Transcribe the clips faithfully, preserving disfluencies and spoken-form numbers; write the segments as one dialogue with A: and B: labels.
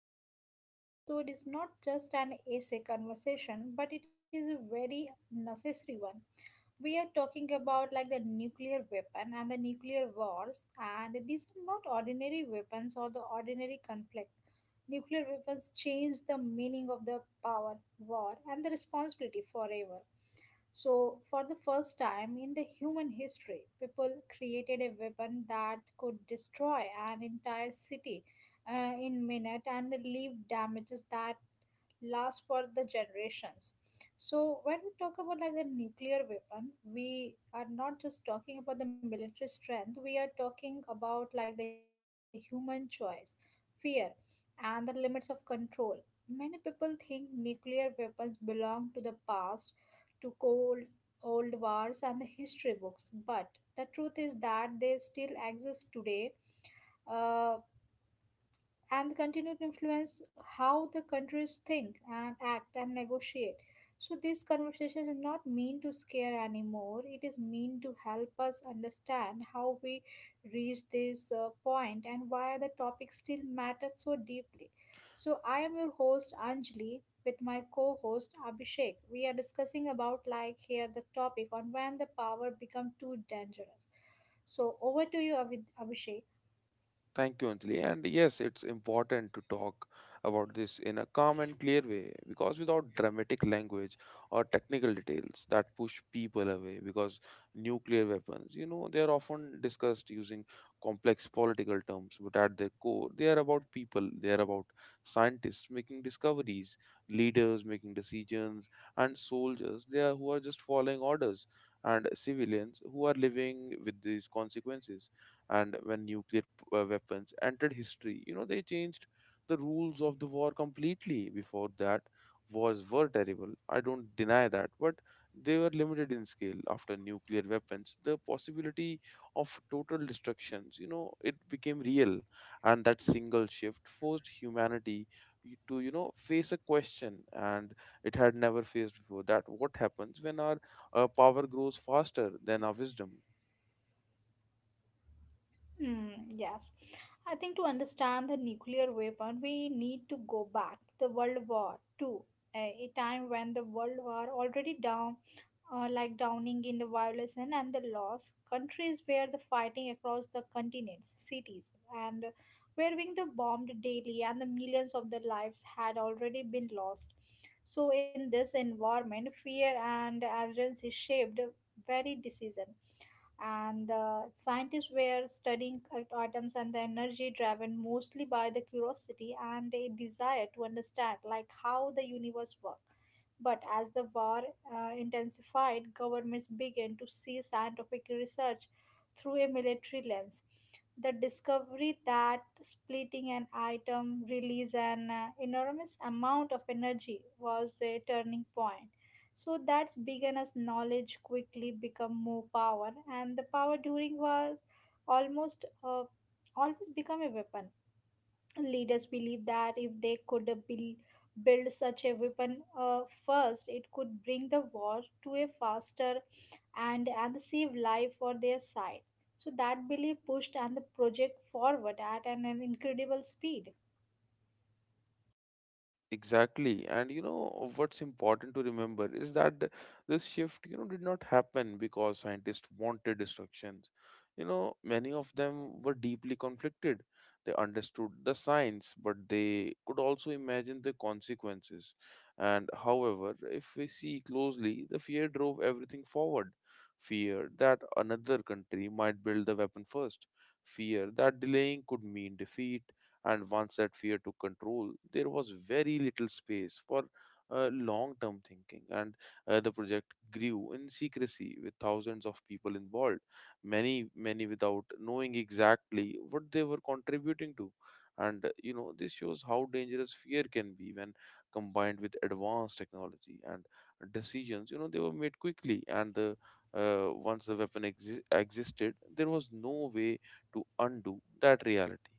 A: and today episode is not just an essay conversation, but it is a very necessary one. We are talking about like the nuclear weapon and the nuclear wars, and these are not ordinary weapons or the ordinary conflict. Nuclear weapons change the meaning of the power, war, and the responsibility forever. So, for the first time in the human history, people created a weapon that could destroy an entire city uh, in minute and leave damages that last for the generations. So when we talk about like the nuclear weapon, we are not just talking about the military strength, we are talking about like the human choice, fear, and the limits of control. Many people think nuclear weapons belong to the past, to cold, old wars and the history books, but the truth is that they still exist today. Uh, and the continued influence how the countries think and act and negotiate. So this conversation is not mean to scare anymore. It is mean to help us understand how we reach this uh, point and why the topic still matters so deeply. So I am your host Anjali with my co-host Abhishek. We are discussing about like here the topic on when the power become too dangerous. So over to you Abhi- Abhishek.
B: Thank you, Anjali. And yes, it's important to talk about this in a calm and clear way, because without dramatic language or technical details that push people away, because nuclear weapons, you know, they are often discussed using complex political terms, but at their core, they are about people, they are about scientists making discoveries, leaders making decisions, and soldiers they are, who are just following orders, and civilians who are living with these consequences. And when nuclear p- uh, weapons entered history, you know they changed the rules of the war completely. Before that, wars were terrible, i don't deny that, but they were limited in scale. After nuclear weapons, the possibility of total destructions, you know it became real. And that single shift forced humanity y- to you know face a question and it had never faced before, that what happens when our uh, power grows faster than our wisdom.
A: Hmm, yes. I think to understand the nuclear weapon, we need to go back to the World War Two. a, a time when the world War already down, uh, like downing in the violence and, and the loss. Countries where the fighting across the continents, cities, and were being the bombed daily, and the millions of the lives had already been lost. So, in this environment, fear and urgency shaped very decision and uh, scientists were studying at- atoms and the energy, driven mostly by the curiosity and a desire to understand like how the universe works. But as the war uh, intensified, governments began to see scientific research through a military lens. The discovery that splitting an atom release an uh, enormous amount of energy was a turning point. So that's begun as knowledge quickly become more power, and the power during war almost uh, always become a weapon. Leaders believe that if they could uh, build, build such a weapon uh, first, it could bring the war to a faster and and save life for their side. So that belief pushed and the project forward at an an incredible speed.
B: Exactly. And you know what's important to remember is that th- this shift, you know, did not happen because scientists wanted destructions. You know, many of them were deeply conflicted. They understood the science, but they could also imagine the consequences. And however, if we see closely, the fear drove everything forward. Fear that another country might build the weapon first. Fear that delaying could mean defeat, and once that fear took control, there was very little space for uh, long term thinking. And uh, the project grew in secrecy with thousands of people involved, many many without knowing exactly what they were contributing to. And uh, you know this shows how dangerous fear can be when combined with advanced technology, and decisions, you know they were made quickly. And the uh, once the weapon exi- existed, there was no way to undo that reality.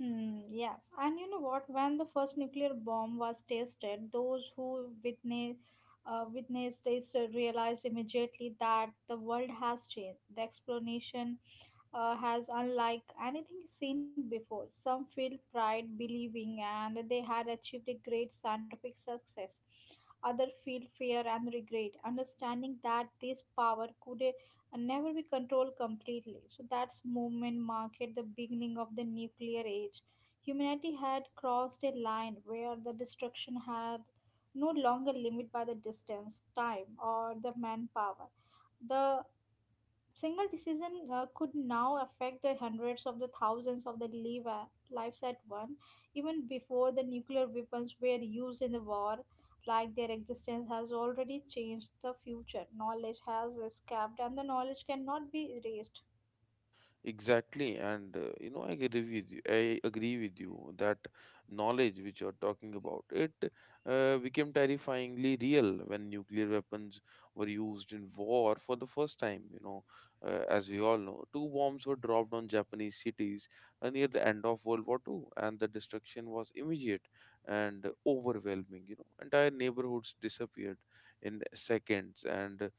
A: Mm, yes, and you know what? When the first nuclear bomb was tested, those who witnessed uh, witnessed this uh, realized immediately that the world has changed. The explanation uh, has unlike anything seen before. Some feel pride believing and they had achieved a great scientific success. Others feel fear and regret, understanding that this power could uh, never be controlled completely. So that's movement marked the beginning of the nuclear age. Humanity had crossed a line where the destruction had no longer limit by the distance, time, or the manpower. The single decision uh, could now affect the hundreds of the thousands of the live a- lives at one, even before the nuclear weapons were used in the war. Like, their existence has already changed the future. Knowledge has escaped, and the knowledge cannot be erased.
B: Exactly, and uh, you know, I agree with you. I agree with you that knowledge which you're talking about it uh, became terrifyingly real when nuclear weapons were used in war for the first time. You know, uh, as we all know, two bombs were dropped on Japanese cities uh, near the end of World War Two, and the destruction was immediate and overwhelming. You know, entire neighborhoods disappeared in seconds, and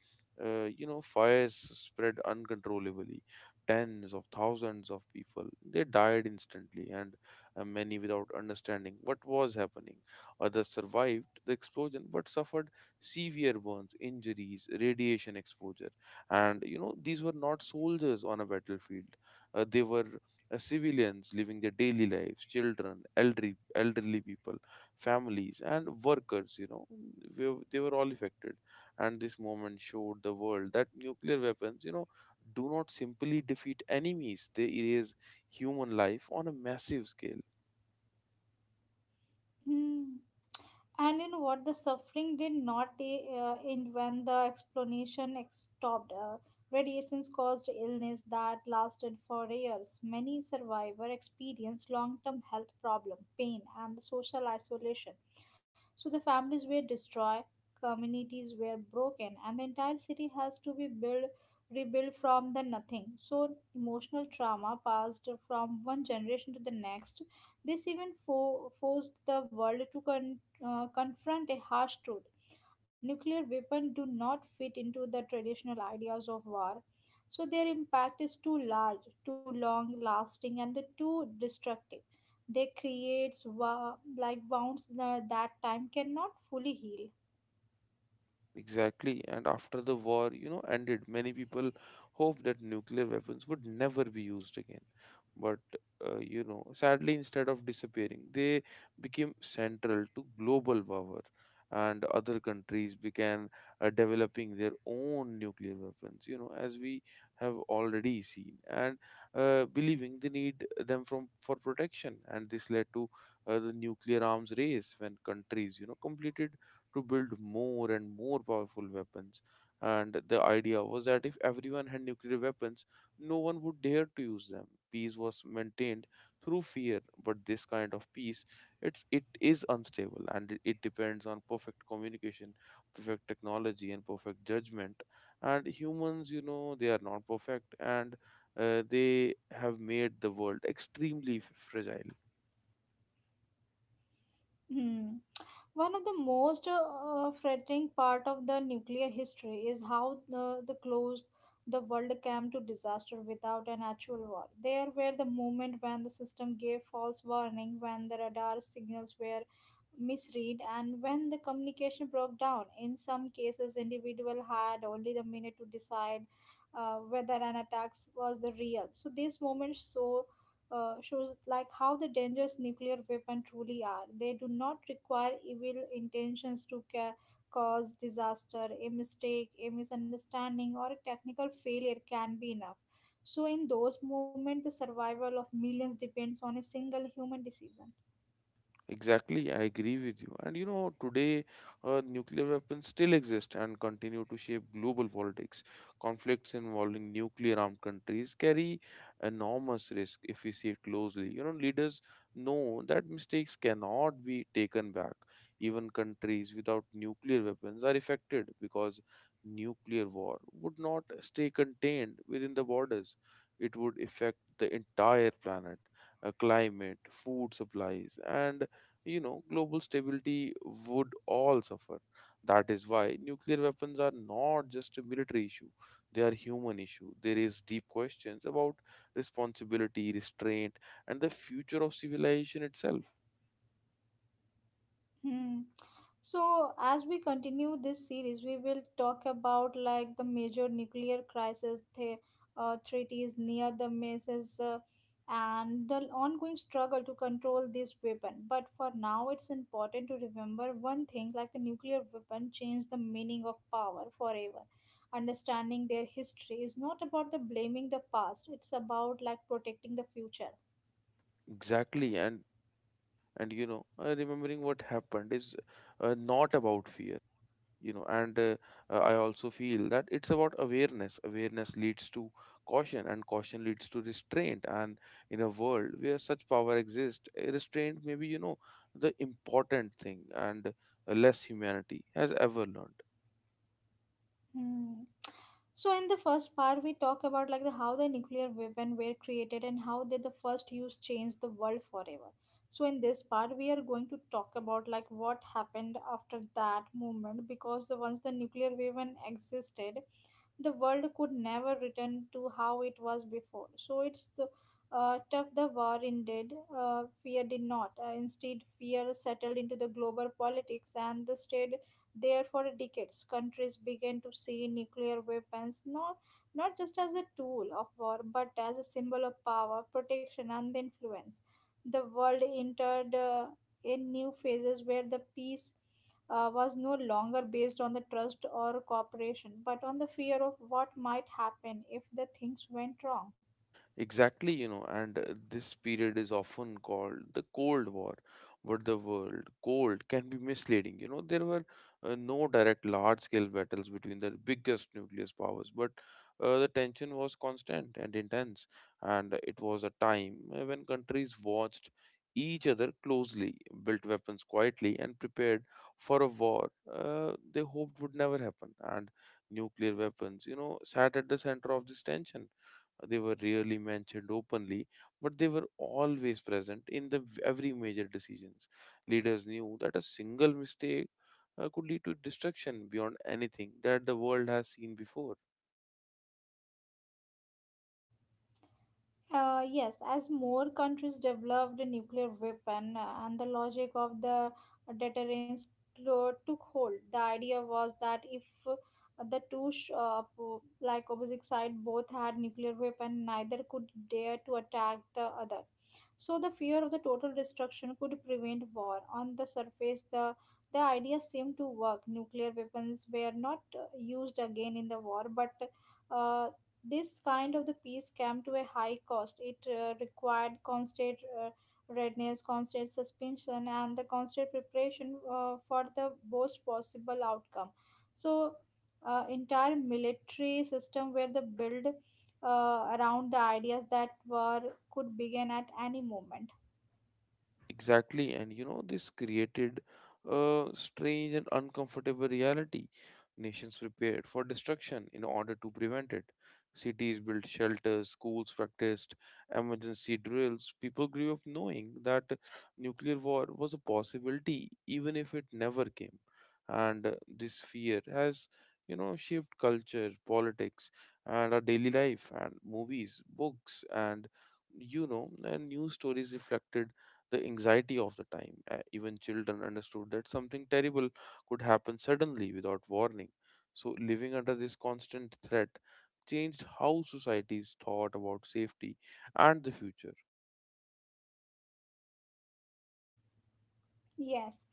B: uh, you know, fires spread uncontrollably. Tens of thousands of people, they died instantly, and uh, many without understanding what was happening. Others survived the explosion but suffered severe burns, injuries, radiation exposure. And you know these were not soldiers on a battlefield. Uh, they were uh, civilians living their daily lives, children, elderly elderly people, families, and workers. you know we- they were all affected. And this moment showed the world that nuclear weapons, you know do not simply defeat enemies, they erase human life on a massive scale.
A: Hmm. And you know what? The suffering did not uh, end when the explanation ex- stopped. Uh, radiations caused illness that lasted for years. Many survivors experienced long-term health problem, pain, and social isolation. So the families were destroyed, communities were broken, and the entire city has to be built, rebuilt from the nothing. So emotional trauma passed from one generation to the next. This even fo- forced the world to con uh, confront a harsh truth. Nuclear weapons do not fit into the traditional ideas of war, so their impact is too large, too long lasting, and too destructive. They creates wa- like wounds tha- that time cannot fully heal.
B: Exactly. And after the war, you know, ended, many people hoped that nuclear weapons would never be used again. But, uh, you know, sadly, instead of disappearing, they became central to global power, and other countries began uh, developing their own nuclear weapons, you know, as we have already seen, and uh, believing they need them from for protection. And this led to uh, the nuclear arms race, when countries, you know, completed to build more and more powerful weapons. And the idea was that if everyone had nuclear weapons, no one would dare to use them. Peace was maintained through fear, but this kind of peace, it's it is unstable, and it it depends on perfect communication, perfect technology, and perfect judgment. And humans, you know, they are not perfect, and uh, they have made the world extremely f- fragile.
A: Hmm. One of the most uh, frightening part of the nuclear history is how the, the close the world came to disaster without an actual war. There were the moment when the system gave false warning, when the radar signals were misread, and when the communication broke down. In some cases, individual had only the minute to decide uh, whether an attack was the real. So this moment so uh, shows like how the dangerous nuclear weapon truly are. They do not require evil intentions to ca- cause disaster. A mistake, a misunderstanding, or a technical failure can be enough. So in those moments, the survival of millions depends on a single human decision.
B: Exactly, I agree with you. And you know, today uh, nuclear weapons still exist and continue to shape global politics. Conflicts involving nuclear armed countries carry enormous risk if we see it closely. You know, leaders know that mistakes cannot be taken back. Even countries without nuclear weapons are affected, because nuclear war would not stay contained within the borders, it would affect the entire planet. uh, Climate, food supplies, and you know, global stability would all suffer. That is why nuclear weapons are not just a military issue, they are human issue. They raise deep questions about responsibility, restraint, and the future of civilization itself.
A: Hmm. So, as we continue this series, we will talk about like the major nuclear crisis, the uh, treaties near the messes, uh, and the ongoing struggle to control this weapon. But for now, it's important to remember one thing: like the nuclear weapon changed the meaning of power forever. Understanding their history is not about the blaming the past; it's about like protecting the future.
B: Exactly, and and you know, uh, remembering what happened is uh, not about fear. you know and uh, uh, i also feel that it's about awareness. Awareness leads to caution, and caution leads to restraint. And in a world where such power exists, eh, restraint may be, you know the important thing, and uh, less humanity has ever learned.
A: Hmm. So in the first part, we talk about like the how the nuclear weapon were created and how they the first use changed the world forever. So in this part, we are going to talk about like what happened after that moment, because the once the nuclear weapon existed, the world could never return to how it was before. So it's the, uh, tough the war ended, uh, fear did not. Uh, instead, fear settled into the global politics and the stayed there for decades. Countries began to see nuclear weapons not, not just as a tool of war, but as a symbol of power, protection, and influence. The world entered uh, in new phases where the peace uh, was no longer based on the trust or cooperation, but on the fear of what might happen if the things went wrong.
B: Exactly, you know, and uh, this period is often called the Cold War, but the word cold can be misleading. You know, there were uh, no direct large scale battles between the biggest nuclear powers, but uh, the tension was constant and intense. And it was a time, uh, when countries watched each other closely, built weapons quietly, and prepared for a war uh, they hoped would never happen. And nuclear weapons, you know, sat at the center of this tension. They were rarely mentioned openly, but they were always present in the every major decisions. Leaders knew that a single mistake uh, could lead to destruction beyond anything that the world has seen before.
A: Uh, yes, as more countries developed nuclear weapon uh, and the logic of the deterrence clo- took hold, the idea was that if uh, the two sh- uh, po- like opposite side both had nuclear weapon, neither could dare to attack the other. So the fear of the total destruction could prevent war. On the surface, the the idea seemed to work. Nuclear weapons were not uh, used again in the war, but uh, this kind of the peace came to a high cost. It uh, required constant uh, readiness, constant suspension, and the constant preparation uh, for the worst possible outcome. So, uh, entire military system were the built uh, around the ideas that were could begin at any moment.
B: Exactly, and you know, this created a strange and uncomfortable reality. Nations prepared for destruction in order to prevent it. Cities built shelters, schools practiced emergency drills. People grew up knowing that nuclear war was a possibility, even if it never came. And uh, this fear has, you know, shaped culture, politics, and our daily life. And movies, books, and you know, and news stories reflected the anxiety of the time. Uh, even children understood that something terrible could happen suddenly without warning. So, living under this constant threat changed how societies thought about safety and the future.
A: Yes,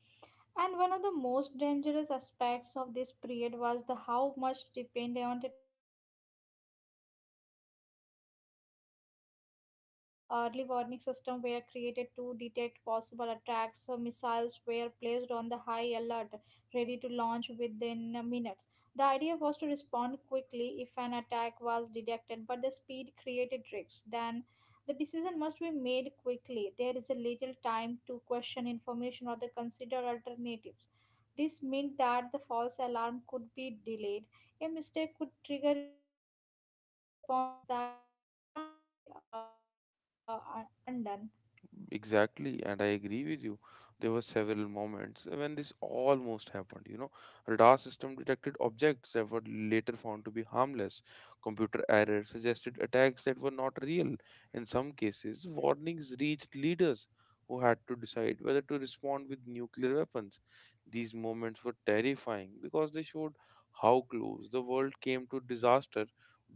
A: and one of the most dangerous aspects of this period was the how much depended on the technology and the communication system. Early warning systems were created to detect possible attacks, so missiles were placed on the high alert, ready to launch within uh, minutes. The idea was to respond quickly if an attack was detected, but the speed created risks. Then the decision must be made quickly. There is a little time to question information or the consider alternatives. This meant that the false alarm could be delayed. A mistake could trigger a response that could not be uh, un- undone.
B: Exactly, and I agree with you. There were several moments when this almost happened. You know, radar system detected objects that were later found to be harmless. Computer errors suggested attacks that were not real. In some cases, warnings reached leaders who had to decide whether to respond with nuclear weapons. These moments were terrifying because they showed how close the world came to disaster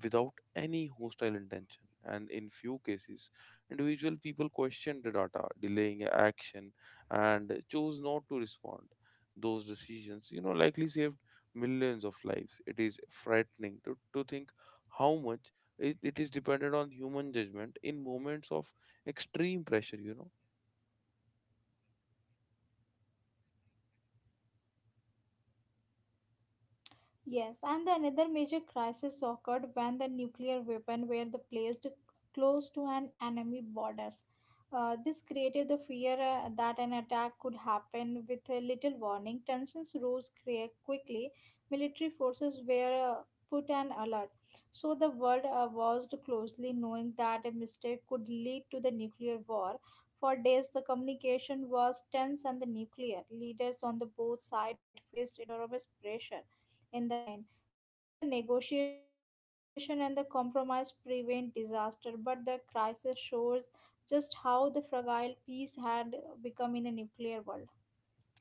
B: without any hostile intention. And in few cases, individual people questioned the data, delaying action, and chose not to respond. Those decisions, you know, likely saved millions of lives. It is frightening to, to think how much it, it is dependent on human judgment in moments of extreme pressure, you know.
A: Yes, and the another major crisis occurred when the nuclear weapon were the placed close to an enemy borders. Uh, this created the fear uh, that an attack could happen with a little warning. Tensions rose crea- quickly. Military forces were uh, put on alert. So the world uh, watched closely, knowing that a mistake could lead to the nuclear war. For days, the communication was tense, and the nuclear leaders on the both sides faced enormous pressure in the end. So the negotiation and the compromise prevent disaster, but the crisis shows just how the fragile peace had become in a nuclear world.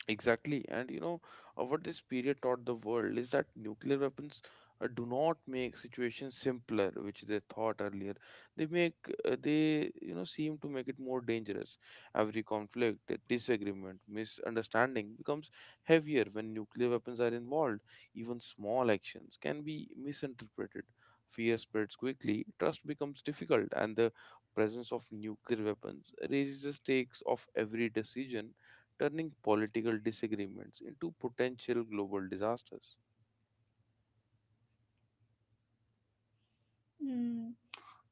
B: Exactly. And you know, uh, what this period taught the world is that nuclear weapons uh, do not make situations simpler, which they thought earlier. They make, uh, they, you know, seem to make it more dangerous. Every conflict, disagreement, misunderstanding becomes heavier when nuclear weapons are involved. Even small actions can be misinterpreted. Fear spreads quickly, trust becomes difficult, and the presence of nuclear weapons raises the stakes of every decision, turning political disagreements into potential global disasters.
A: Hmm.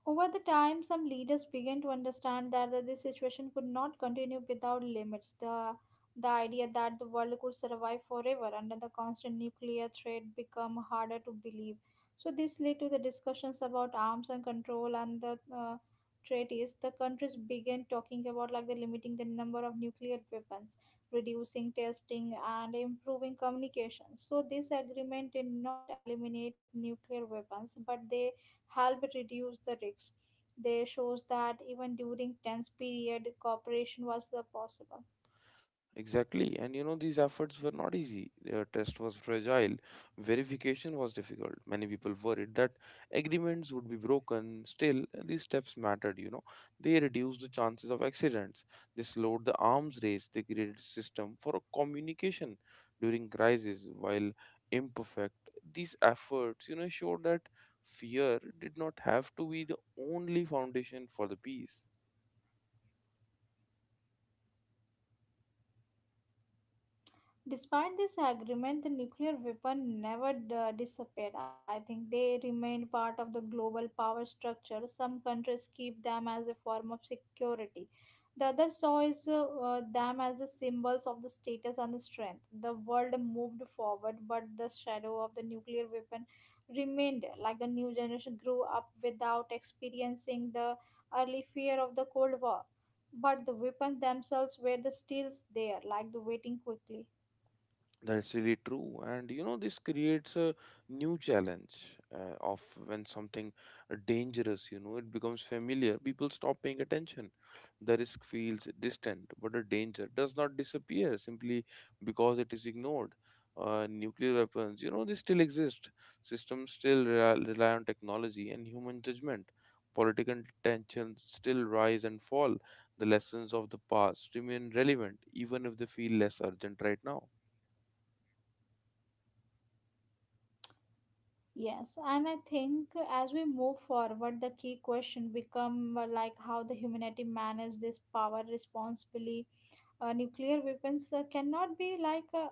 A: Over the time, some leaders began to understand that the- this situation could not continue without limits. The the idea that the world could survive forever under the constant nuclear threat became harder to believe. So this led to the discussions about arms and control and the uh, treaties. The countries began talking about like the limiting the number of nuclear weapons, reducing testing, and improving communication. So this agreement did not eliminate nuclear weapons, but they help reduce the risks. They shows that even during tense period, cooperation was uh, possible.
B: Exactly. And you know, these efforts were not easy. Their test was fragile. Verification was difficult. Many people worried that agreements would be broken. Still, these steps mattered, you know. They reduced the chances of accidents. They slowed the arms race. They created a system for communication during crises while imperfect. These efforts, you know, showed that fear did not have to be the only foundation for the peace.
A: Despite this agreement, the nuclear weapon never d- disappeared. I think they remained part of the global power structure. Some countries keep them as a form of security. The other saw is, uh, uh, them as the symbols of the status and the strength. The world moved forward, but the shadow of the nuclear weapon remained. Like the new generation grew up without experiencing the early fear of the Cold War, but the weapons themselves were the still there, like the waiting quickly.
B: That's really true. And you know, this creates a new challenge uh, of when something uh, dangerous, you know, it becomes familiar. People stop paying attention. The risk feels distant, but the danger does not disappear simply because it is ignored. Uh, nuclear weapons, you know, they still exist. Systems still rely, rely on technology and human judgment. Political tensions still rise and fall. The lessons of the past remain relevant, even if they feel less urgent right now.
A: Yes, and I think as we move forward, the key question become uh, like how the humanity manage this power responsibly. Uh, nuclear weapons uh, cannot be like uh,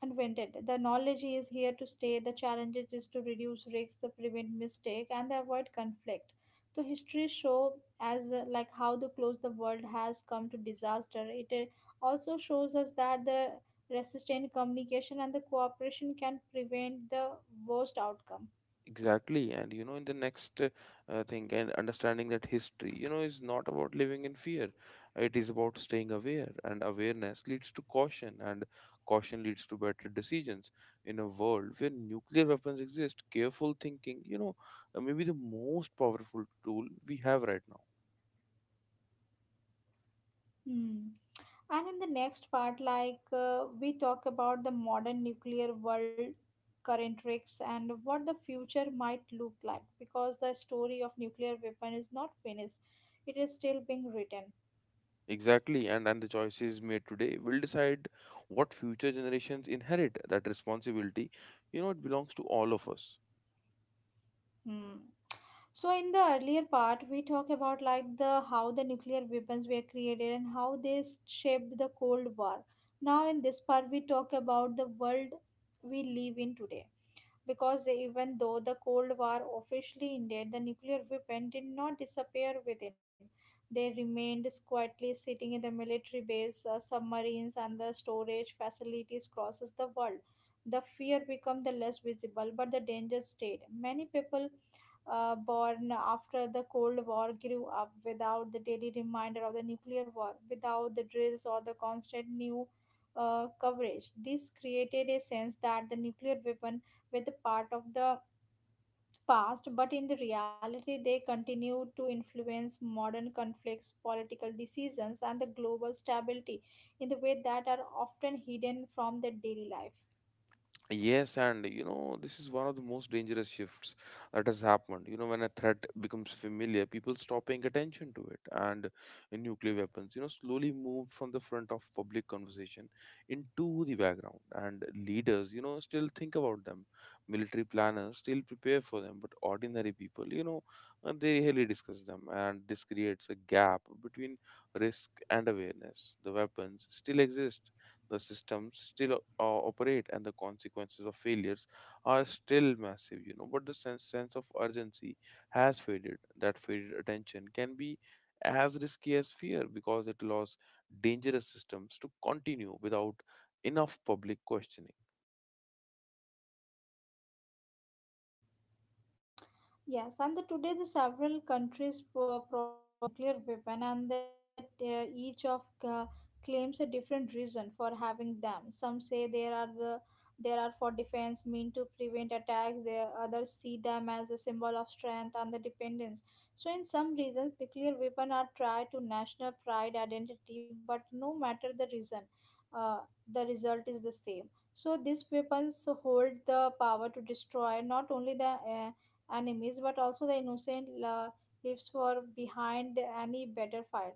A: invented. The knowledge is here to stay. The challenges is to reduce risks, to prevent mistake, and they avoid conflict. So history show as uh, like how the close the world has come to disaster. It uh, also shows us that the resistant communication and the cooperation can prevent the worst outcome.
B: Exactly, and you know, in the next uh, uh, thing, and understanding that history, you know, is not about living in fear. It is about staying aware, and awareness leads to caution, and caution leads to better decisions. In a world where nuclear weapons exist, careful thinking, you know, uh, may be the most powerful tool we have right now.
A: Hmm. And in the next part, like uh, we talk about the modern nuclear world, current risks, and what the future might look like because the story of nuclear weapon is not finished, it is still being written.
B: Exactly, and and the choices made today will decide what future generations inherit. That responsibility, you know, it belongs to all of us.
A: Hmm. So in the earlier part, we talk about like the how the nuclear weapons were created and how they s- shaped the Cold War. Now in this part, we talk about the world we live in today. Because even though the Cold War officially ended, the nuclear weapon did not disappear within. They remained quietly sitting in the military base, uh, submarines, and the storage facilities across the world. The fear became the less visible, but the danger stayed. Many people uh, born after the Cold War grew up without the daily reminder of the nuclear war, without the drills or the constant new uh, coverage. This created a sense that the nuclear weapon were the part of the past, but in the reality, they continue to influence modern conflicts, political decisions, and the global stability in the way that are often hidden from the daily life.
B: Yes, and you know, this is one of the most dangerous shifts that has happened. You know, when a threat becomes familiar, people stop paying attention to it. And in nuclear weapons, you know, slowly moved from the front of public conversation into the background. And leaders, you know, still think about them. Military planners still prepare for them. But ordinary people, you know, uh, they rarely discuss them. And this creates a gap between risk and awareness. The weapons still exist, the systems still uh, operate, and the consequences of failures are still massive, you know but the sense, sense of urgency has faded. That faded attention can be as risky as fear, because it allows dangerous systems to continue without enough public questioning.
A: Yes, and the, today the several countries pro- process nuclear weapon, and that uh, each of uh, claims a different reason for having them. Some say there are the there are for defense, mean to prevent attacks. The others see them as a symbol of strength and the dependence. So, in some reasons, nuclear weapon are tied to national pride, identity, but no matter the reason, uh, the result is the same. So, these weapons hold the power to destroy not only the uh, enemies, but also the innocent la- lives for behind any battlefield.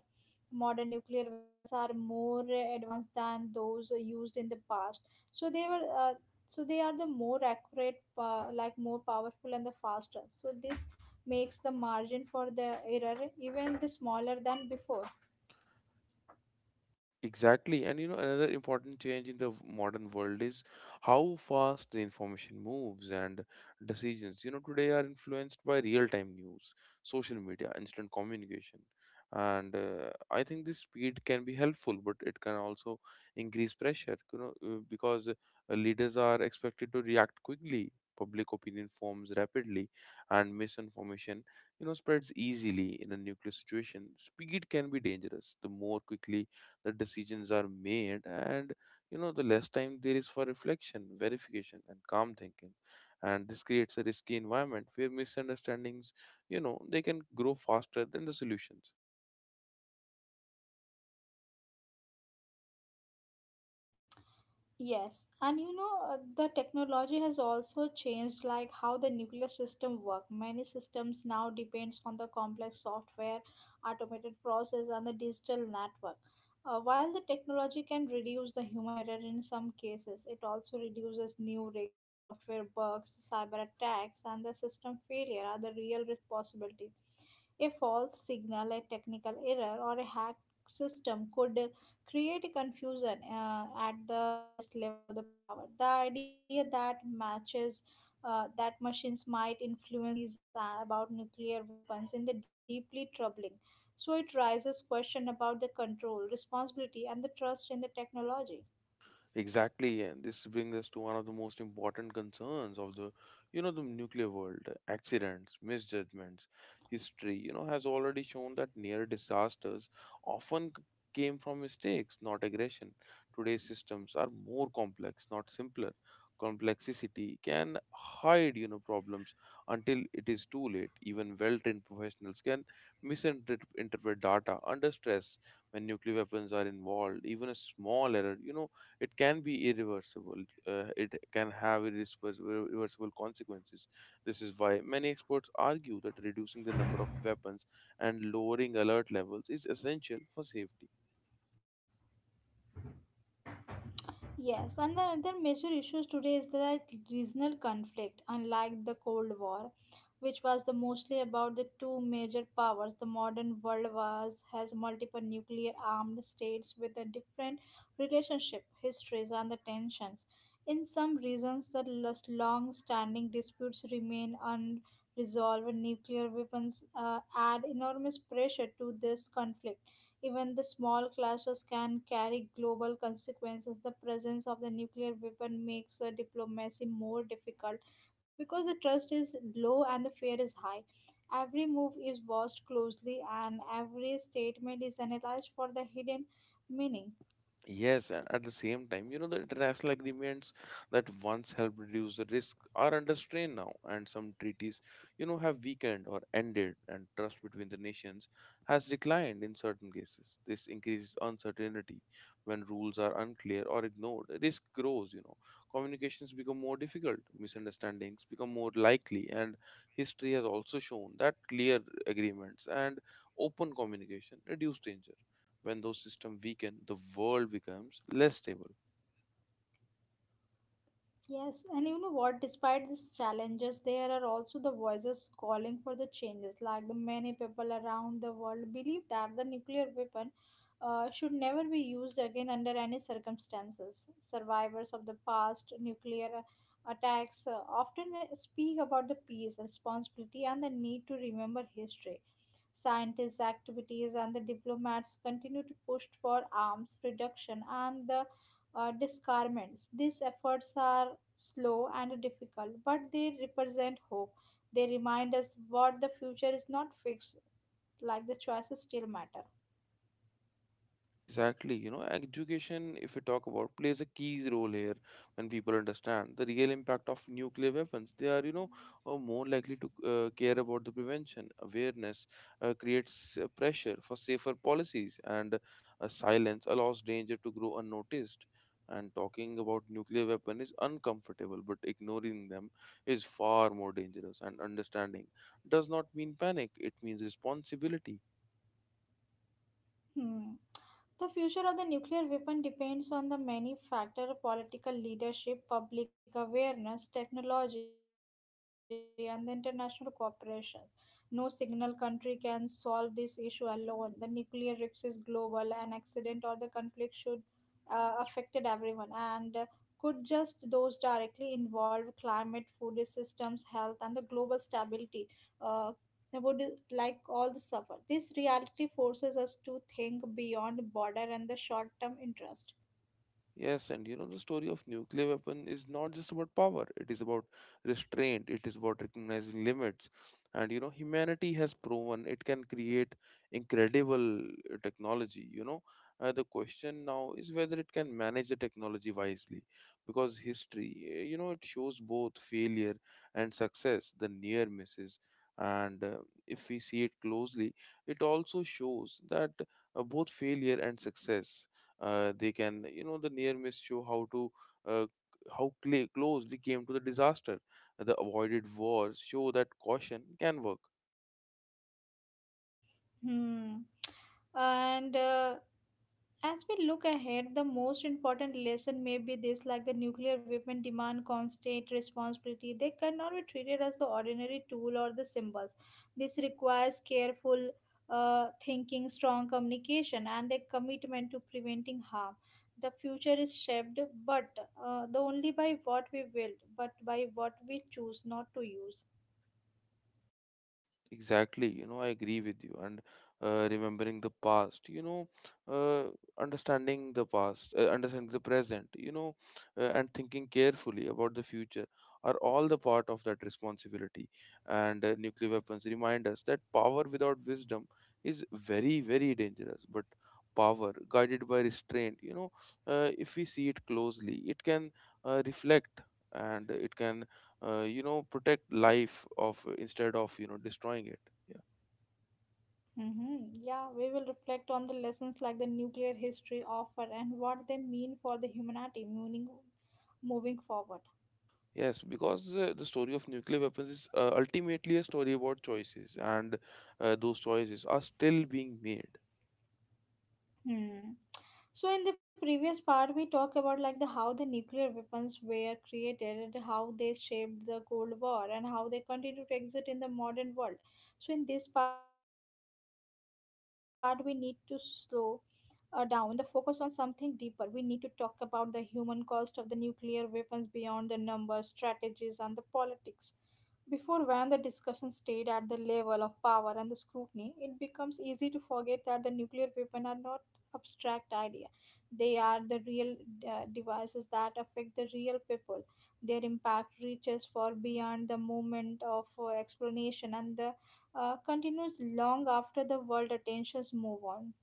A: Modern nuclear weapons are more advanced than those used in the past, so they were uh, so they are the more accurate, uh, like more powerful and the faster. So this makes the margin for the error even the smaller than before.
B: Exactly. And you know, another important change in the v- modern world is how fast the information moves, and decisions, you know, today are influenced by real time news, social media, instant communication. And uh, I think this speed can be helpful, but it can also increase pressure, you know, uh, because uh, leaders are expected to react quickly. Public opinion forms rapidly, and misinformation, you know, spreads easily in a nuclear situation. Speed can be dangerous. The more quickly the decisions are made, and you know the less time there is for reflection, verification, and calm thinking, and this creates a risky environment where misunderstandings, you know they can grow faster than the solutions.
A: Yes, and you know, uh, the technology has also changed like how the nuclear system work. Many systems now depends on the complex software, automated process and the digital network. Uh, while the technology can reduce the human error in some cases, it also reduces new risks, software bugs, cyber attacks, and the system failure are the real risk possibilities. A false signal, a technical error, or a hacked system could create a confusion uh, at the highest level of the power. The idea that matches uh, That machines might influence decisions uh, about nuclear weapons in the deeply troubling. So it raises question about the control, responsibility, and the trust in the technology.
B: Exactly, and this brings us to one of the most important concerns of the, you know, the nuclear world. Accidents, misjudgments, history, you know, has already shown that near disasters often c- came from mistakes, not aggression. Today's systems are more complex, not simpler. Complexity can hide, you know, problems until it is too late. Even well-trained professionals can misinterpret interpret data under stress when nuclear weapons are involved. Even a small error, you know it can be irreversible. Uh, it can have irreversible irreversible consequences. This is why many experts argue that reducing the number of weapons and lowering alert levels is essential for safety.
A: Yes, and the other major issues today is that regional conflict, unlike the Cold War which was the mostly about the two major powers. The modern world was has multiple nuclear armed states with a different relationship, histories, and the tensions. In some regions, the long standing disputes remain unresolved. Nuclear weapons uh, add enormous pressure to this conflict. Even the small clashes can carry global consequences. The presence of the nuclear weapon makes the diplomacy more difficult because the trust is low and the fear is high. Every move is watched closely and every statement is analyzed for the hidden meaning.
B: Yes, and at the same time, you know, the international agreements that once helped reduce the risk are under strain now, and some treaties, you know, have weakened or ended, and trust between the nations has declined in certain cases. This increases uncertainty when rules are unclear or ignored. Risk grows, you know, communications become more difficult, misunderstandings become more likely, and history has also shown that clear agreements and open communication reduce danger. When those systems weaken, the world becomes less stable.
A: Yes, and you know what? Despite these challenges, there are also the voices calling for the changes. Like the many people around the world believe that the nuclear weapon uh, should never be used again under any circumstances. Survivors of the past nuclear uh, attacks uh, often uh, speak about the peace, responsibility, and the need to remember history scientist activities and the diplomats continue to push for arms reduction and the uh, disarmaments. These efforts are slow and difficult, but they represent hope. They remind us what the future is not fixed, like the choices still matter.
B: Exactly. You know, education, if we talk about, plays a key role here when people understand the real impact of nuclear weapons. They are, you know, uh, more likely to uh, care about the prevention. Awareness uh, creates uh, pressure for safer policies, and uh, silence allows danger to grow unnoticed. And talking about nuclear weapon is uncomfortable, but ignoring them is far more dangerous. And understanding does not mean panic; it means responsibility.
A: Hmm. The future of the nuclear weapon depends on the many factors: political leadership, public awareness, technology, and the international cooperation. No single country can solve this issue alone. The nuclear risk is global. An accident or the conflict should uh, affected everyone and uh, could just those directly involved climate, food systems, health, and the global stability. Uh, they would like all the suffer. This reality forces us to think beyond border and the short term interest.
B: Yes, and you know, the story of nuclear weapon is not just about power, it is about restraint, it is about recognizing limits. And you know, humanity has proven it can create incredible uh, technology. You know, uh, the question now is whether it can manage the technology wisely, because history, uh, you know, it shows both failure and success, the near misses. And uh, if we see it closely, it also shows that uh, both failure and success, uh, they can, you know the near miss show how to uh, how cl- close we came to the disaster. The avoided wars show that caution can work.
A: Hmm. And uh, As we look ahead, the most important lesson may be this like the nuclear weapon demand constant responsibility. They cannot be treated as the ordinary tool or the symbols. This requires careful uh, thinking, strong communication, and a commitment to preventing harm. The future is shaped, but uh, the only by what we build, but by what we choose not to use.
B: Exactly, you know, I agree with you. And uh, remembering the past, you know, uh, understanding the past, uh, understanding the present, you know, uh, and thinking carefully about the future are all the part of that responsibility. And uh, nuclear weapons remind us that power without wisdom is very, very dangerous. But power guided by restraint, you know, uh, if we see it closely, it can uh, reflect, and it can uh, you know protect life of, instead of you know destroying it. Yeah.
A: Mm-hmm. Yeah, we will reflect on the lessons like the nuclear history offer and what they mean for the humanity meaning moving forward.
B: Yes, because uh, the story of nuclear weapons is uh, ultimately a story about choices, and uh, those choices are still being made.
A: Hmm. So in the previous part, we talk about like the how the nuclear weapons were created and how they shaped the Cold War and how they continue to exist in the modern world. So in this part, we need to slow uh, down the focus on something deeper. We need to talk about the human cost of the nuclear weapons beyond the numbers, strategies, and the politics. Before, when the discussion stayed at the level of power and the scrutiny, it becomes easy to forget that the nuclear weapons are not abstract idea. They are the real uh, devices that affect the real people. Their impact reaches far beyond the moment of uh, explanation and the uh, continues long after the world attentions move on.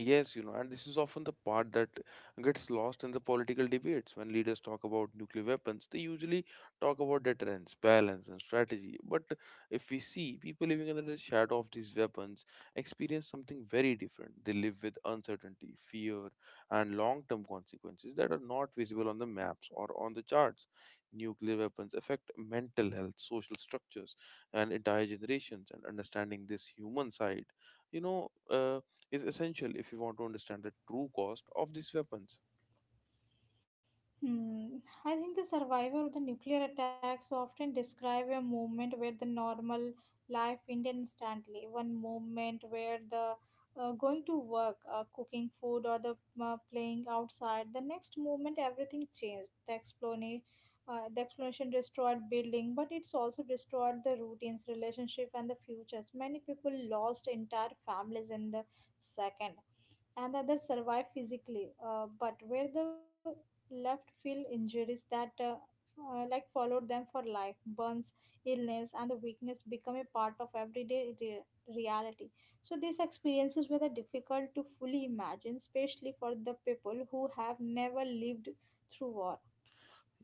B: Yes, you know, and this is often the part that gets lost in the political debates. When leaders talk about nuclear weapons, they usually talk about deterrence, balance, and strategy. But if we see, people living under the shadow of these weapons experience something very different. They live with uncertainty, fear, and long term consequences that are not visible on the maps or on the charts. Nuclear weapons affect mental health, social structures, and entire generations, and understanding this human side, you know, uh, is essential if you want to understand the true cost of these weapons.
A: Hmm. I think the survivor of the nuclear attacks often describe a moment where the normal life ended instantly. One moment where the uh, going to work, uh, cooking food, or the uh, playing outside. The next moment, everything changed. The explanation, uh, the explanation destroyed building, but it's also destroyed the routines, relationship, and the futures. Many people lost entire families in the second and others survive physically uh, but where the left field injuries that uh, uh, like followed them for life burns illness and the weakness become a part of everyday re- reality. So these experiences were the difficult to fully imagine, especially for the people who have never lived through war.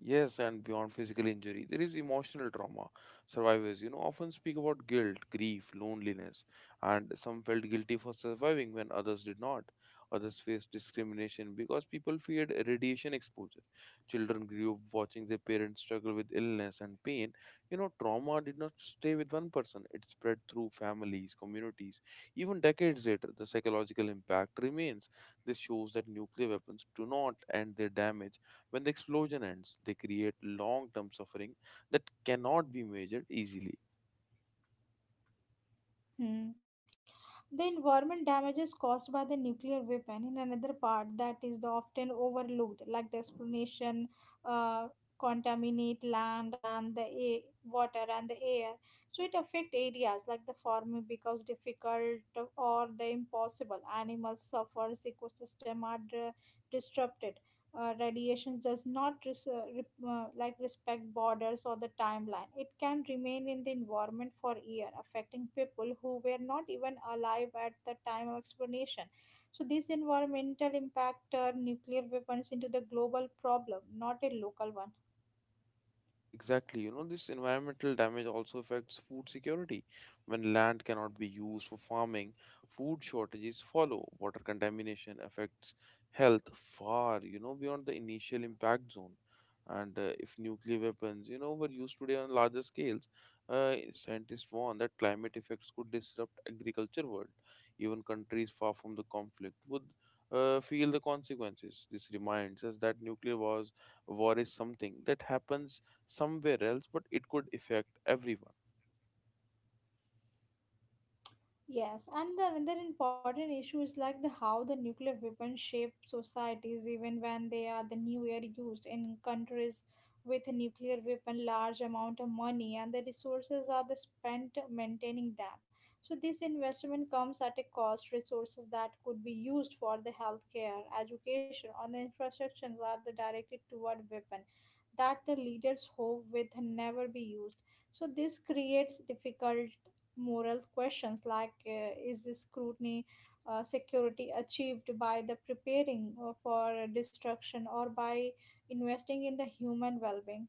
B: Yes, and beyond physical injury, there is emotional trauma. Survivors, you know, often speak about guilt, grief, loneliness, and some felt guilty for surviving when others did not. Others faced discrimination because people feared radiation exposure. Children grew up watching their parents struggle with illness and pain. You know, trauma did not stay with one person, it spread through families, communities. Even decades later, the psychological impact remains. This shows that nuclear weapons do not end their damage when the explosion ends, they create long term suffering that cannot be measured easily.
A: Hmm. The environment damages caused by the nuclear weapon in another part that is the often overlooked, like the explanation, uh, contaminate land and the a water and the air. So it affect areas like the farming because difficult or the impossible. Animals suffers. Ecosystem are uh, disrupted. Uh, radiation does not res- uh, rep- uh, like respect borders or the timeline. It can remain in the environment for years, affecting people who were not even alive at the time of explanation. So this environmental impact turned nuclear weapons into the global problem, not a local one.
B: Exactly. You know, this environmental damage also affects food security. When land cannot be used for farming, food shortages follow. Water contamination affects health far, you know, beyond the initial impact zone. And uh, if nuclear weapons, you know, were used today on larger scales, uh, scientists warn that climate effects could disrupt agriculture world. Even countries far from the conflict would uh, feel the consequences. This reminds us that nuclear wars, war is something that happens somewhere else, but it could affect everyone.
A: Yes, and the another important issue is like the how the nuclear weapons shape societies even when they are the new nowhere used in countries with a nuclear weapon large amount of money and the resources are the spent maintaining them. So this investment comes at a cost resources that could be used for the healthcare, education or the infrastructure are the directed toward weapon that the leaders hope with never be used. So this creates difficult moral questions like uh, is this scrutiny uh, security achieved by the preparing uh, for destruction or by investing in the human well-being.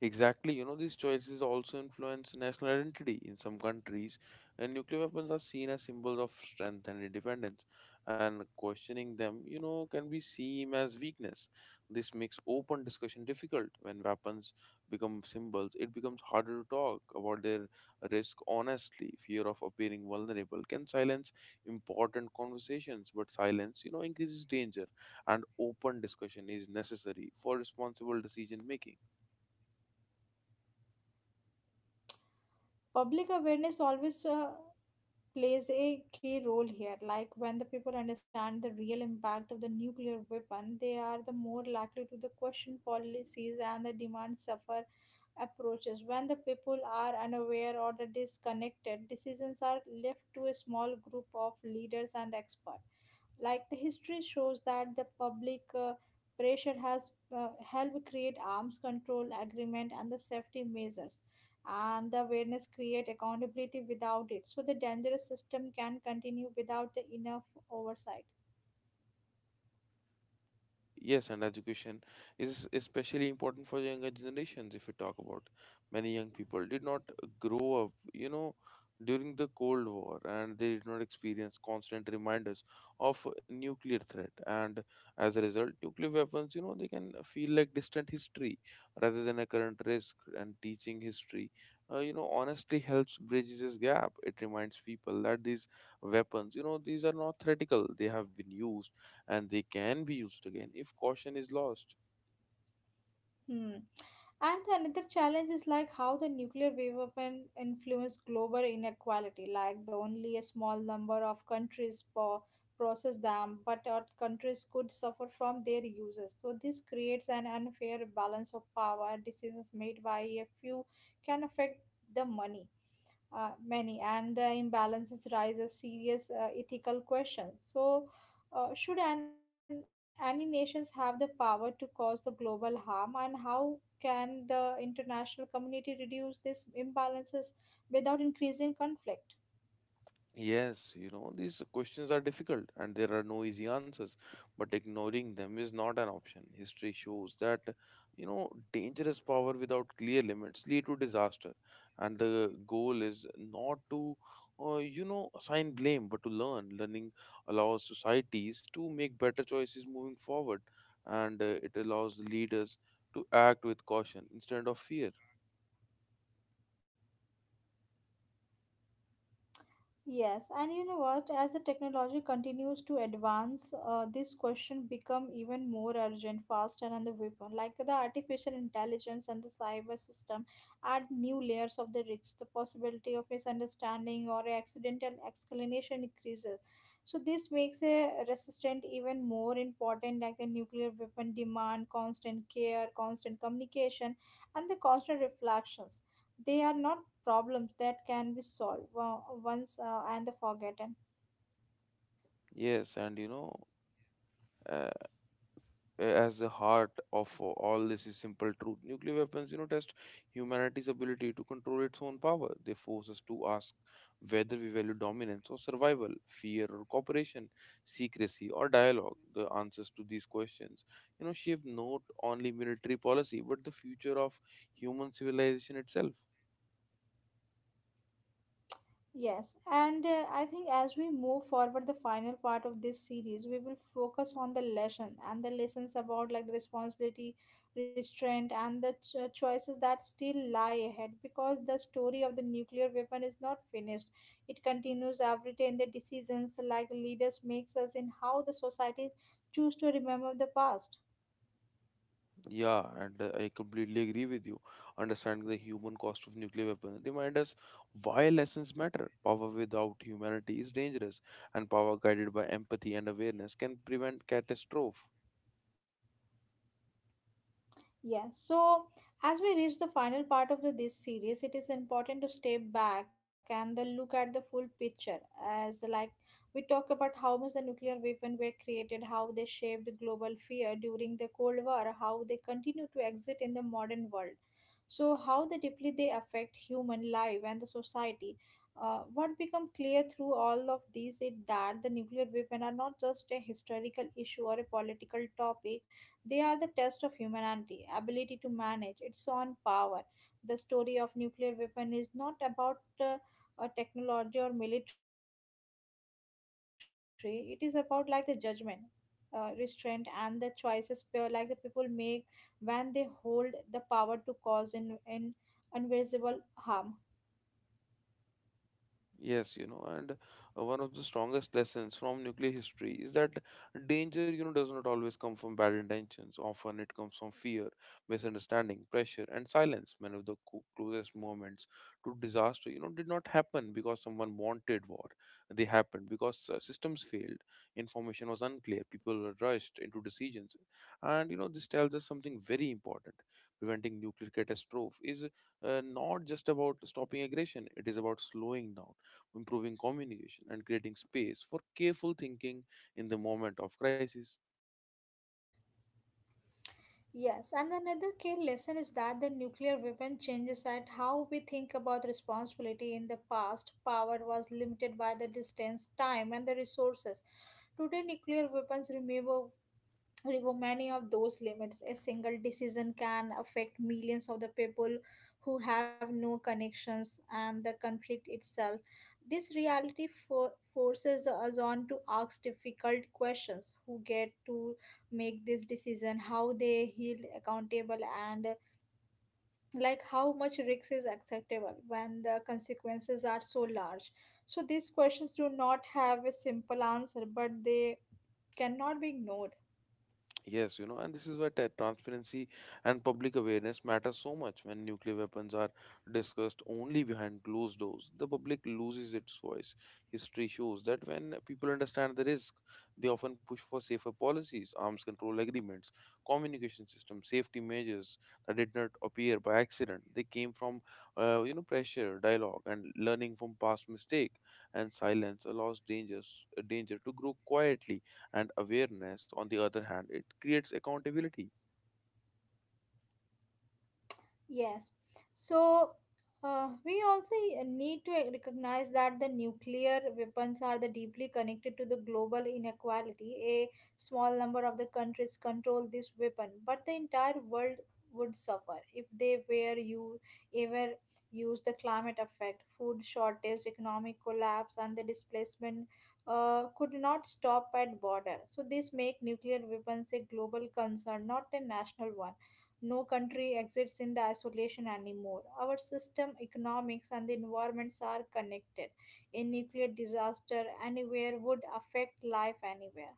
B: Exactly, you know, these choices also influence national identity in some countries, and nuclear weapons are seen as symbols of strength and independence, and questioning them, you know, can be seen as weakness. This makes open discussion difficult. When weapons become symbols, it becomes harder to talk about their risk honestly. Fear of appearing vulnerable can silence important conversations, but silence, you know, increases danger, and open discussion is necessary for responsible decision making.
A: Public awareness always uh, plays a key role here, like when the people understand the real impact of the nuclear weapon they are the more likely to the question policies and the demand suffer approaches when the people are unaware or the disconnected decisions are left to a small group of leaders and experts. Like the history shows that the public uh, pressure has uh, helped create arms control agreement and the safety measures and the awareness create accountability without it so the dangerous system can continue without the enough oversight.
B: Uh, yes, and education is especially important for younger generations. If we talk about, many young people did not grow up, you know, during the Cold War, and they did not experience constant reminders of nuclear threat. And as a result, nuclear weapons, you know, they can feel like distant history rather than a current risk. And teaching history, uh, you know, honestly helps bridge this gap. It reminds people that these weapons, you know, these are not theoretical; they have been used, and they can be used again if caution is lost.
A: Hmm. And the another challenge is like how the nuclear wave weapon influence global inequality. Like the only a small number of countries po- process them, but other countries could suffer from their uses. So this creates an unfair balance of power. Decisions made by a few can affect the money uh, many, and the imbalances raise a serious uh, ethical questions. So, uh, should an, any nations have the power to cause the global harm, and how can the international community reduce these imbalances without increasing conflict?
B: Yes, you know, these questions are difficult and there are no easy answers, but ignoring them is not an option. History shows that, you know, dangerous power without clear limits lead to disaster, and the goal is not to, uh, you know, assign blame, but to learn. Learning allows societies to make better choices moving forward, and uh, it allows leaders to act with caution instead of fear.
A: Yes, and you know what? As the technology continues to advance, uh, this question become even more urgent, faster, and the weapon. Like the artificial intelligence and the cyber system add new layers of the risk. The possibility of misunderstanding or accidental explanation increases. So this makes a resistant even more important. Like the nuclear weapon demand constant care, constant communication, and the constant reflections they are not problems that can be solved wo- once uh, and the forgotten.
B: Yes, and you know, uh, as the heart of all this is simple truth. Nuclear weapons, you know, test humanity's ability to control its own power. They force us to ask whether we value dominance or survival, fear or cooperation, secrecy or dialogue. The answers to these questions, you know, shape not only military policy but the future of human civilization itself.
A: Yes, and uh, I think as we move forward, the final part of this series, we will focus on the lesson and the lessons about like the responsibility, restraint, and the cho- choices that still lie ahead because the story of the nuclear weapon is not finished. It continues every day in the decisions like leaders makes us in how the society choose to remember the past.
B: Yeah, and uh, I completely agree with you. Understanding the human cost of nuclear weapons remind us why lessons matter. Power without humanity is dangerous, and power guided by empathy and awareness can prevent catastrophe.
A: Yeah, so as we reach the final part of the, this series, it is important to step back and then look at the full picture. As like we talk about how much the nuclear weapon were created, how they shaped global fear during the Cold War, how they continue to exist in the modern world. So how the deeply they affect human life and the society. Uh, what become clear through all of these is that the nuclear weapon are not just a historical issue or a political topic they are the test of humanity, ability to manage its own power. The story of nuclear weapon is not about uh, a technology or military. It is about like the judgment, uh, restraint, and the choices pe- like the people make when they hold the power to cause in, in invisible harm.
B: Yes, you know, and uh, one of the strongest lessons from nuclear history is that danger, you know, does not always come from bad intentions. Often it comes from fear, misunderstanding, pressure, and silence. Many of the co- closest moments to disaster, you know, did not happen because someone wanted war. They happened because uh, systems failed, information was unclear, people were rushed into decisions. And, you know, this tells us something very important. Preventing nuclear catastrophe is uh, not just about stopping aggression, it is about slowing down, improving communication, and creating space for careful thinking in the moment of crisis.
A: Yes, and another key lesson is that the nuclear weapon changes at how we think about responsibility. In the past, power was limited by the distance, time, and the resources. Today, nuclear weapons remove remove many of those limits. A single decision can affect millions of the people who have no connections and the conflict itself. This reality for, forces us on to ask difficult questions who get to make this decision, how they heal accountable, and uh, like how much risk is acceptable when the consequences are so large. So, these questions do not have a simple answer, but they cannot be ignored.
B: Yes, you know, and this is why tra- transparency and public awareness matter so much. When nuclear weapons are discussed only behind closed doors, the public loses its voice. History shows that when people understand the risk, they often push for safer policies, arms control agreements, communication systems, safety measures that did not appear by accident. They came from, uh, you know, pressure, dialogue, and learning from past mistake. And silence allows dangers, danger to grow quietly, and awareness, on the other hand, it creates accountability.
A: Yes. So uh, we also uh, need to uh, recognize that the nuclear weapons are the deeply connected to the global inequality. A small number of the countries control this weapon, but the entire world would suffer if they were you ever use the climate effect, food shortage, economic collapse, and the displacement uh, could not stop at border. So this make nuclear weapons a global concern, not a national one. No country exists in the isolation anymore. Our system, economics, and the environments are connected. A nuclear disaster anywhere would affect life anywhere.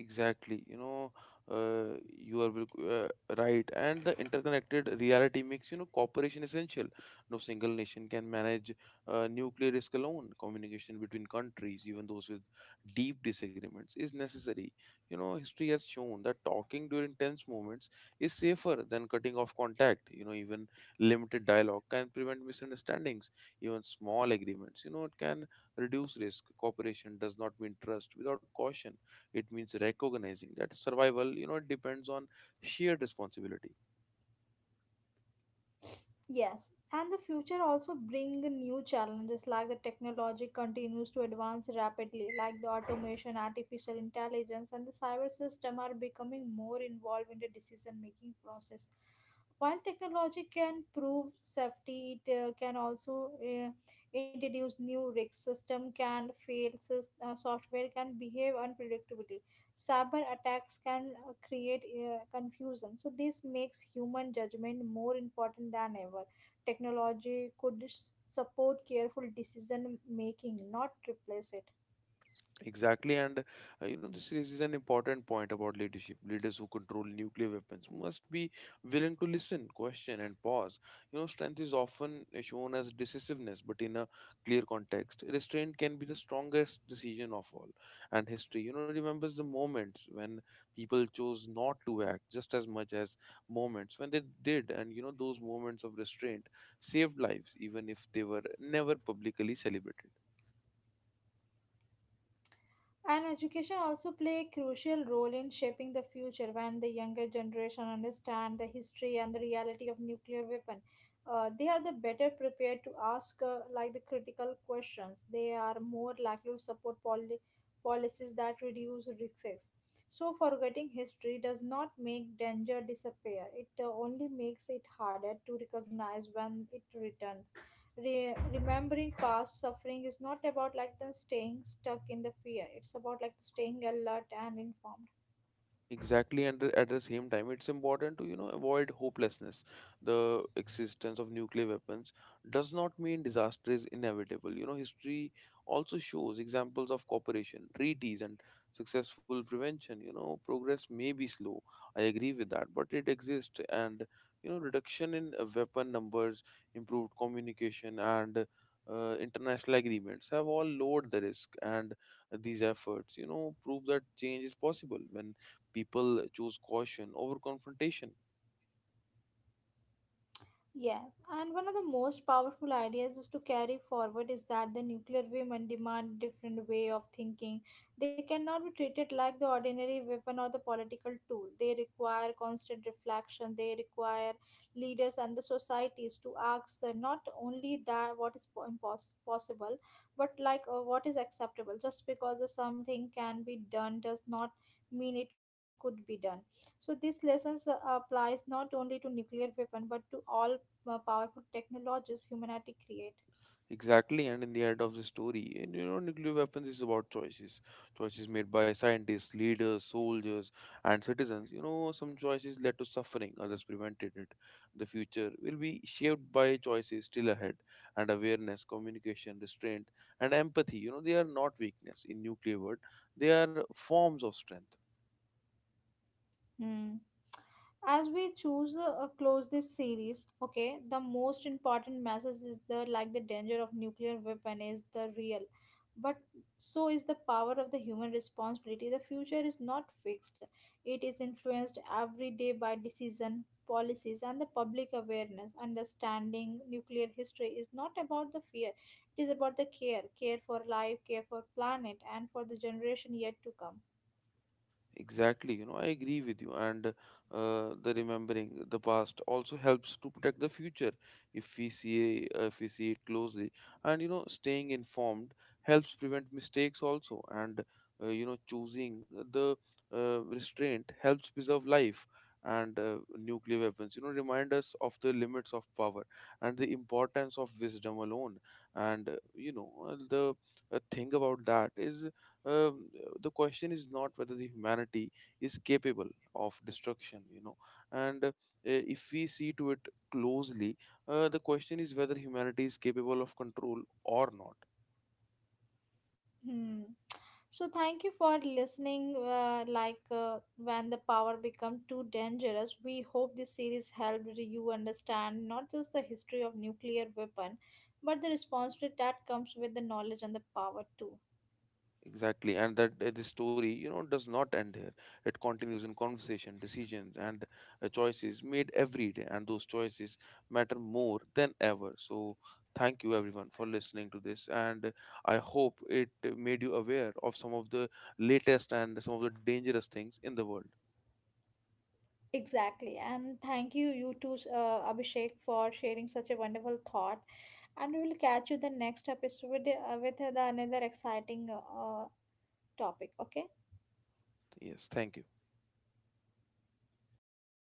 B: Exactly, you know, uh, you are bil- uh, right, and the interconnected reality makes, you know cooperation essential. No single nation can manage uh, nuclear risk alone. Communication between countries, even those with deep disagreements, is necessary. You know, history has shown that talking during tense moments is safer than cutting off contact. You know, even limited dialogue can prevent misunderstandings. Even small agreements, you know, it can reduce risk. Cooperation does not mean trust without caution, it means recognizing that survival, you know, depends on shared responsibility.
A: Yes, and the future also bring new challenges like the technology continues to advance rapidly, like the automation, artificial intelligence, and the cyber system are becoming more involved in the decision making process. While technology can prove safety, it uh, can also uh, introduce new risks. System can fail, sys- uh, software can behave unpredictably cyber attacks can uh, create uh, confusion so this makes human judgment more important than ever technology could s- support careful decision making not replace it.
B: Exactly, and uh, you know this is is an important point about leadership. Leaders who control nuclear weapons must be willing to listen, question, and pause. You know, strength is often shown as decisiveness, but in a clear context, restraint can be the strongest decision of all. And history, you know, remembers the moments when people chose not to act just as much as moments when they did, and you know those moments of restraint saved lives, even if they were never publicly celebrated.
A: And education also play a crucial role in shaping the future when the younger generation understand the history and the reality of nuclear weapon. Uh, they are the better prepared to ask uh, like the critical questions. They are more likely to support poli- policies that reduce risks. So forgetting history does not make danger disappear. It uh, only makes it harder to recognize when it returns. Re- remembering past suffering is not about like the staying stuck in the fear. It's about like the staying alert and informed.
B: Exactly, and the- at the same time, it's important to you know avoid hopelessness. The existence of nuclear weapons does not mean disaster is inevitable. You know, history also shows examples of cooperation, treaties, and successful prevention. You know, progress may be slow. I agree with that, but it exists, and you know, reduction in uh, weapon numbers, improved communication, and uh, international agreements have all lowered the risk, and these efforts you know prove that change is possible when people choose caution over confrontation.
A: Yes, and one of the most powerful ideas is to carry forward is that the nuclear women demand different way of thinking. They cannot be treated like the ordinary weapon or the political tool. They require constant reflection. They require leaders and the societies to ask uh, not only that what is po- impos- possible, but like uh, what is acceptable. Just because the something can be done does not mean it could be done. So this lessons uh, applies not only to nuclear weapon but to all uh, powerful technologies humanity create.
B: Exactly, and in the end of the story, and you know, nuclear weapons is about choices. Choices made by scientists, leaders, soldiers, and citizens. You know, some choices led to suffering, others prevented it. The future will be shaped by choices still ahead, and awareness, communication, restraint, and empathy. You know, they are not weakness in nuclear world; they are forms of strength.
A: Hmm. As we choose uh, uh, close this series, okay, the most important message is the like the danger of nuclear weapon is the real, but so is the power of the human responsibility. The future is not fixed; it is influenced every day by decision policies and the public awareness. Understanding nuclear history is not about the fear; it is about the care, care for life, care for planet, and for the generation yet to come.
B: Exactly, you know, I agree with you. And uh, the remembering the past also helps to protect the future, if we see uh, if we see it closely. And you know, staying informed helps prevent mistakes also. And uh, you know, choosing the uh, restraint helps preserve life. And uh, nuclear weapons, you know, remind us of the limits of power and the importance of wisdom alone. And uh, you know, uh, the uh, thing about that is um, the question is not whether the humanity is capable of destruction, you know and uh, if we see to it closely, uh, the question is whether humanity is capable of control or not.
A: Hmm. So thank you for listening. Uh, like uh, when the power become too dangerous, we hope this series helped you understand not just the history of nuclear weapon, but the responsibility that comes with the knowledge and the power too.
B: Exactly, and that uh, the story, you know, does not end here. It continues in conversation, decisions, and uh, choices made every day, and those choices matter more than ever. So, thank you everyone for listening to this, and uh, I hope it uh, made you aware of some of the latest and some of the dangerous things in the world.
A: Exactly, and thank you, you too, uh, Abhishek, for sharing such a wonderful thought. And we will catch you the next episode uh, with the another exciting uh, topic. Okay.
B: Yes, thank you.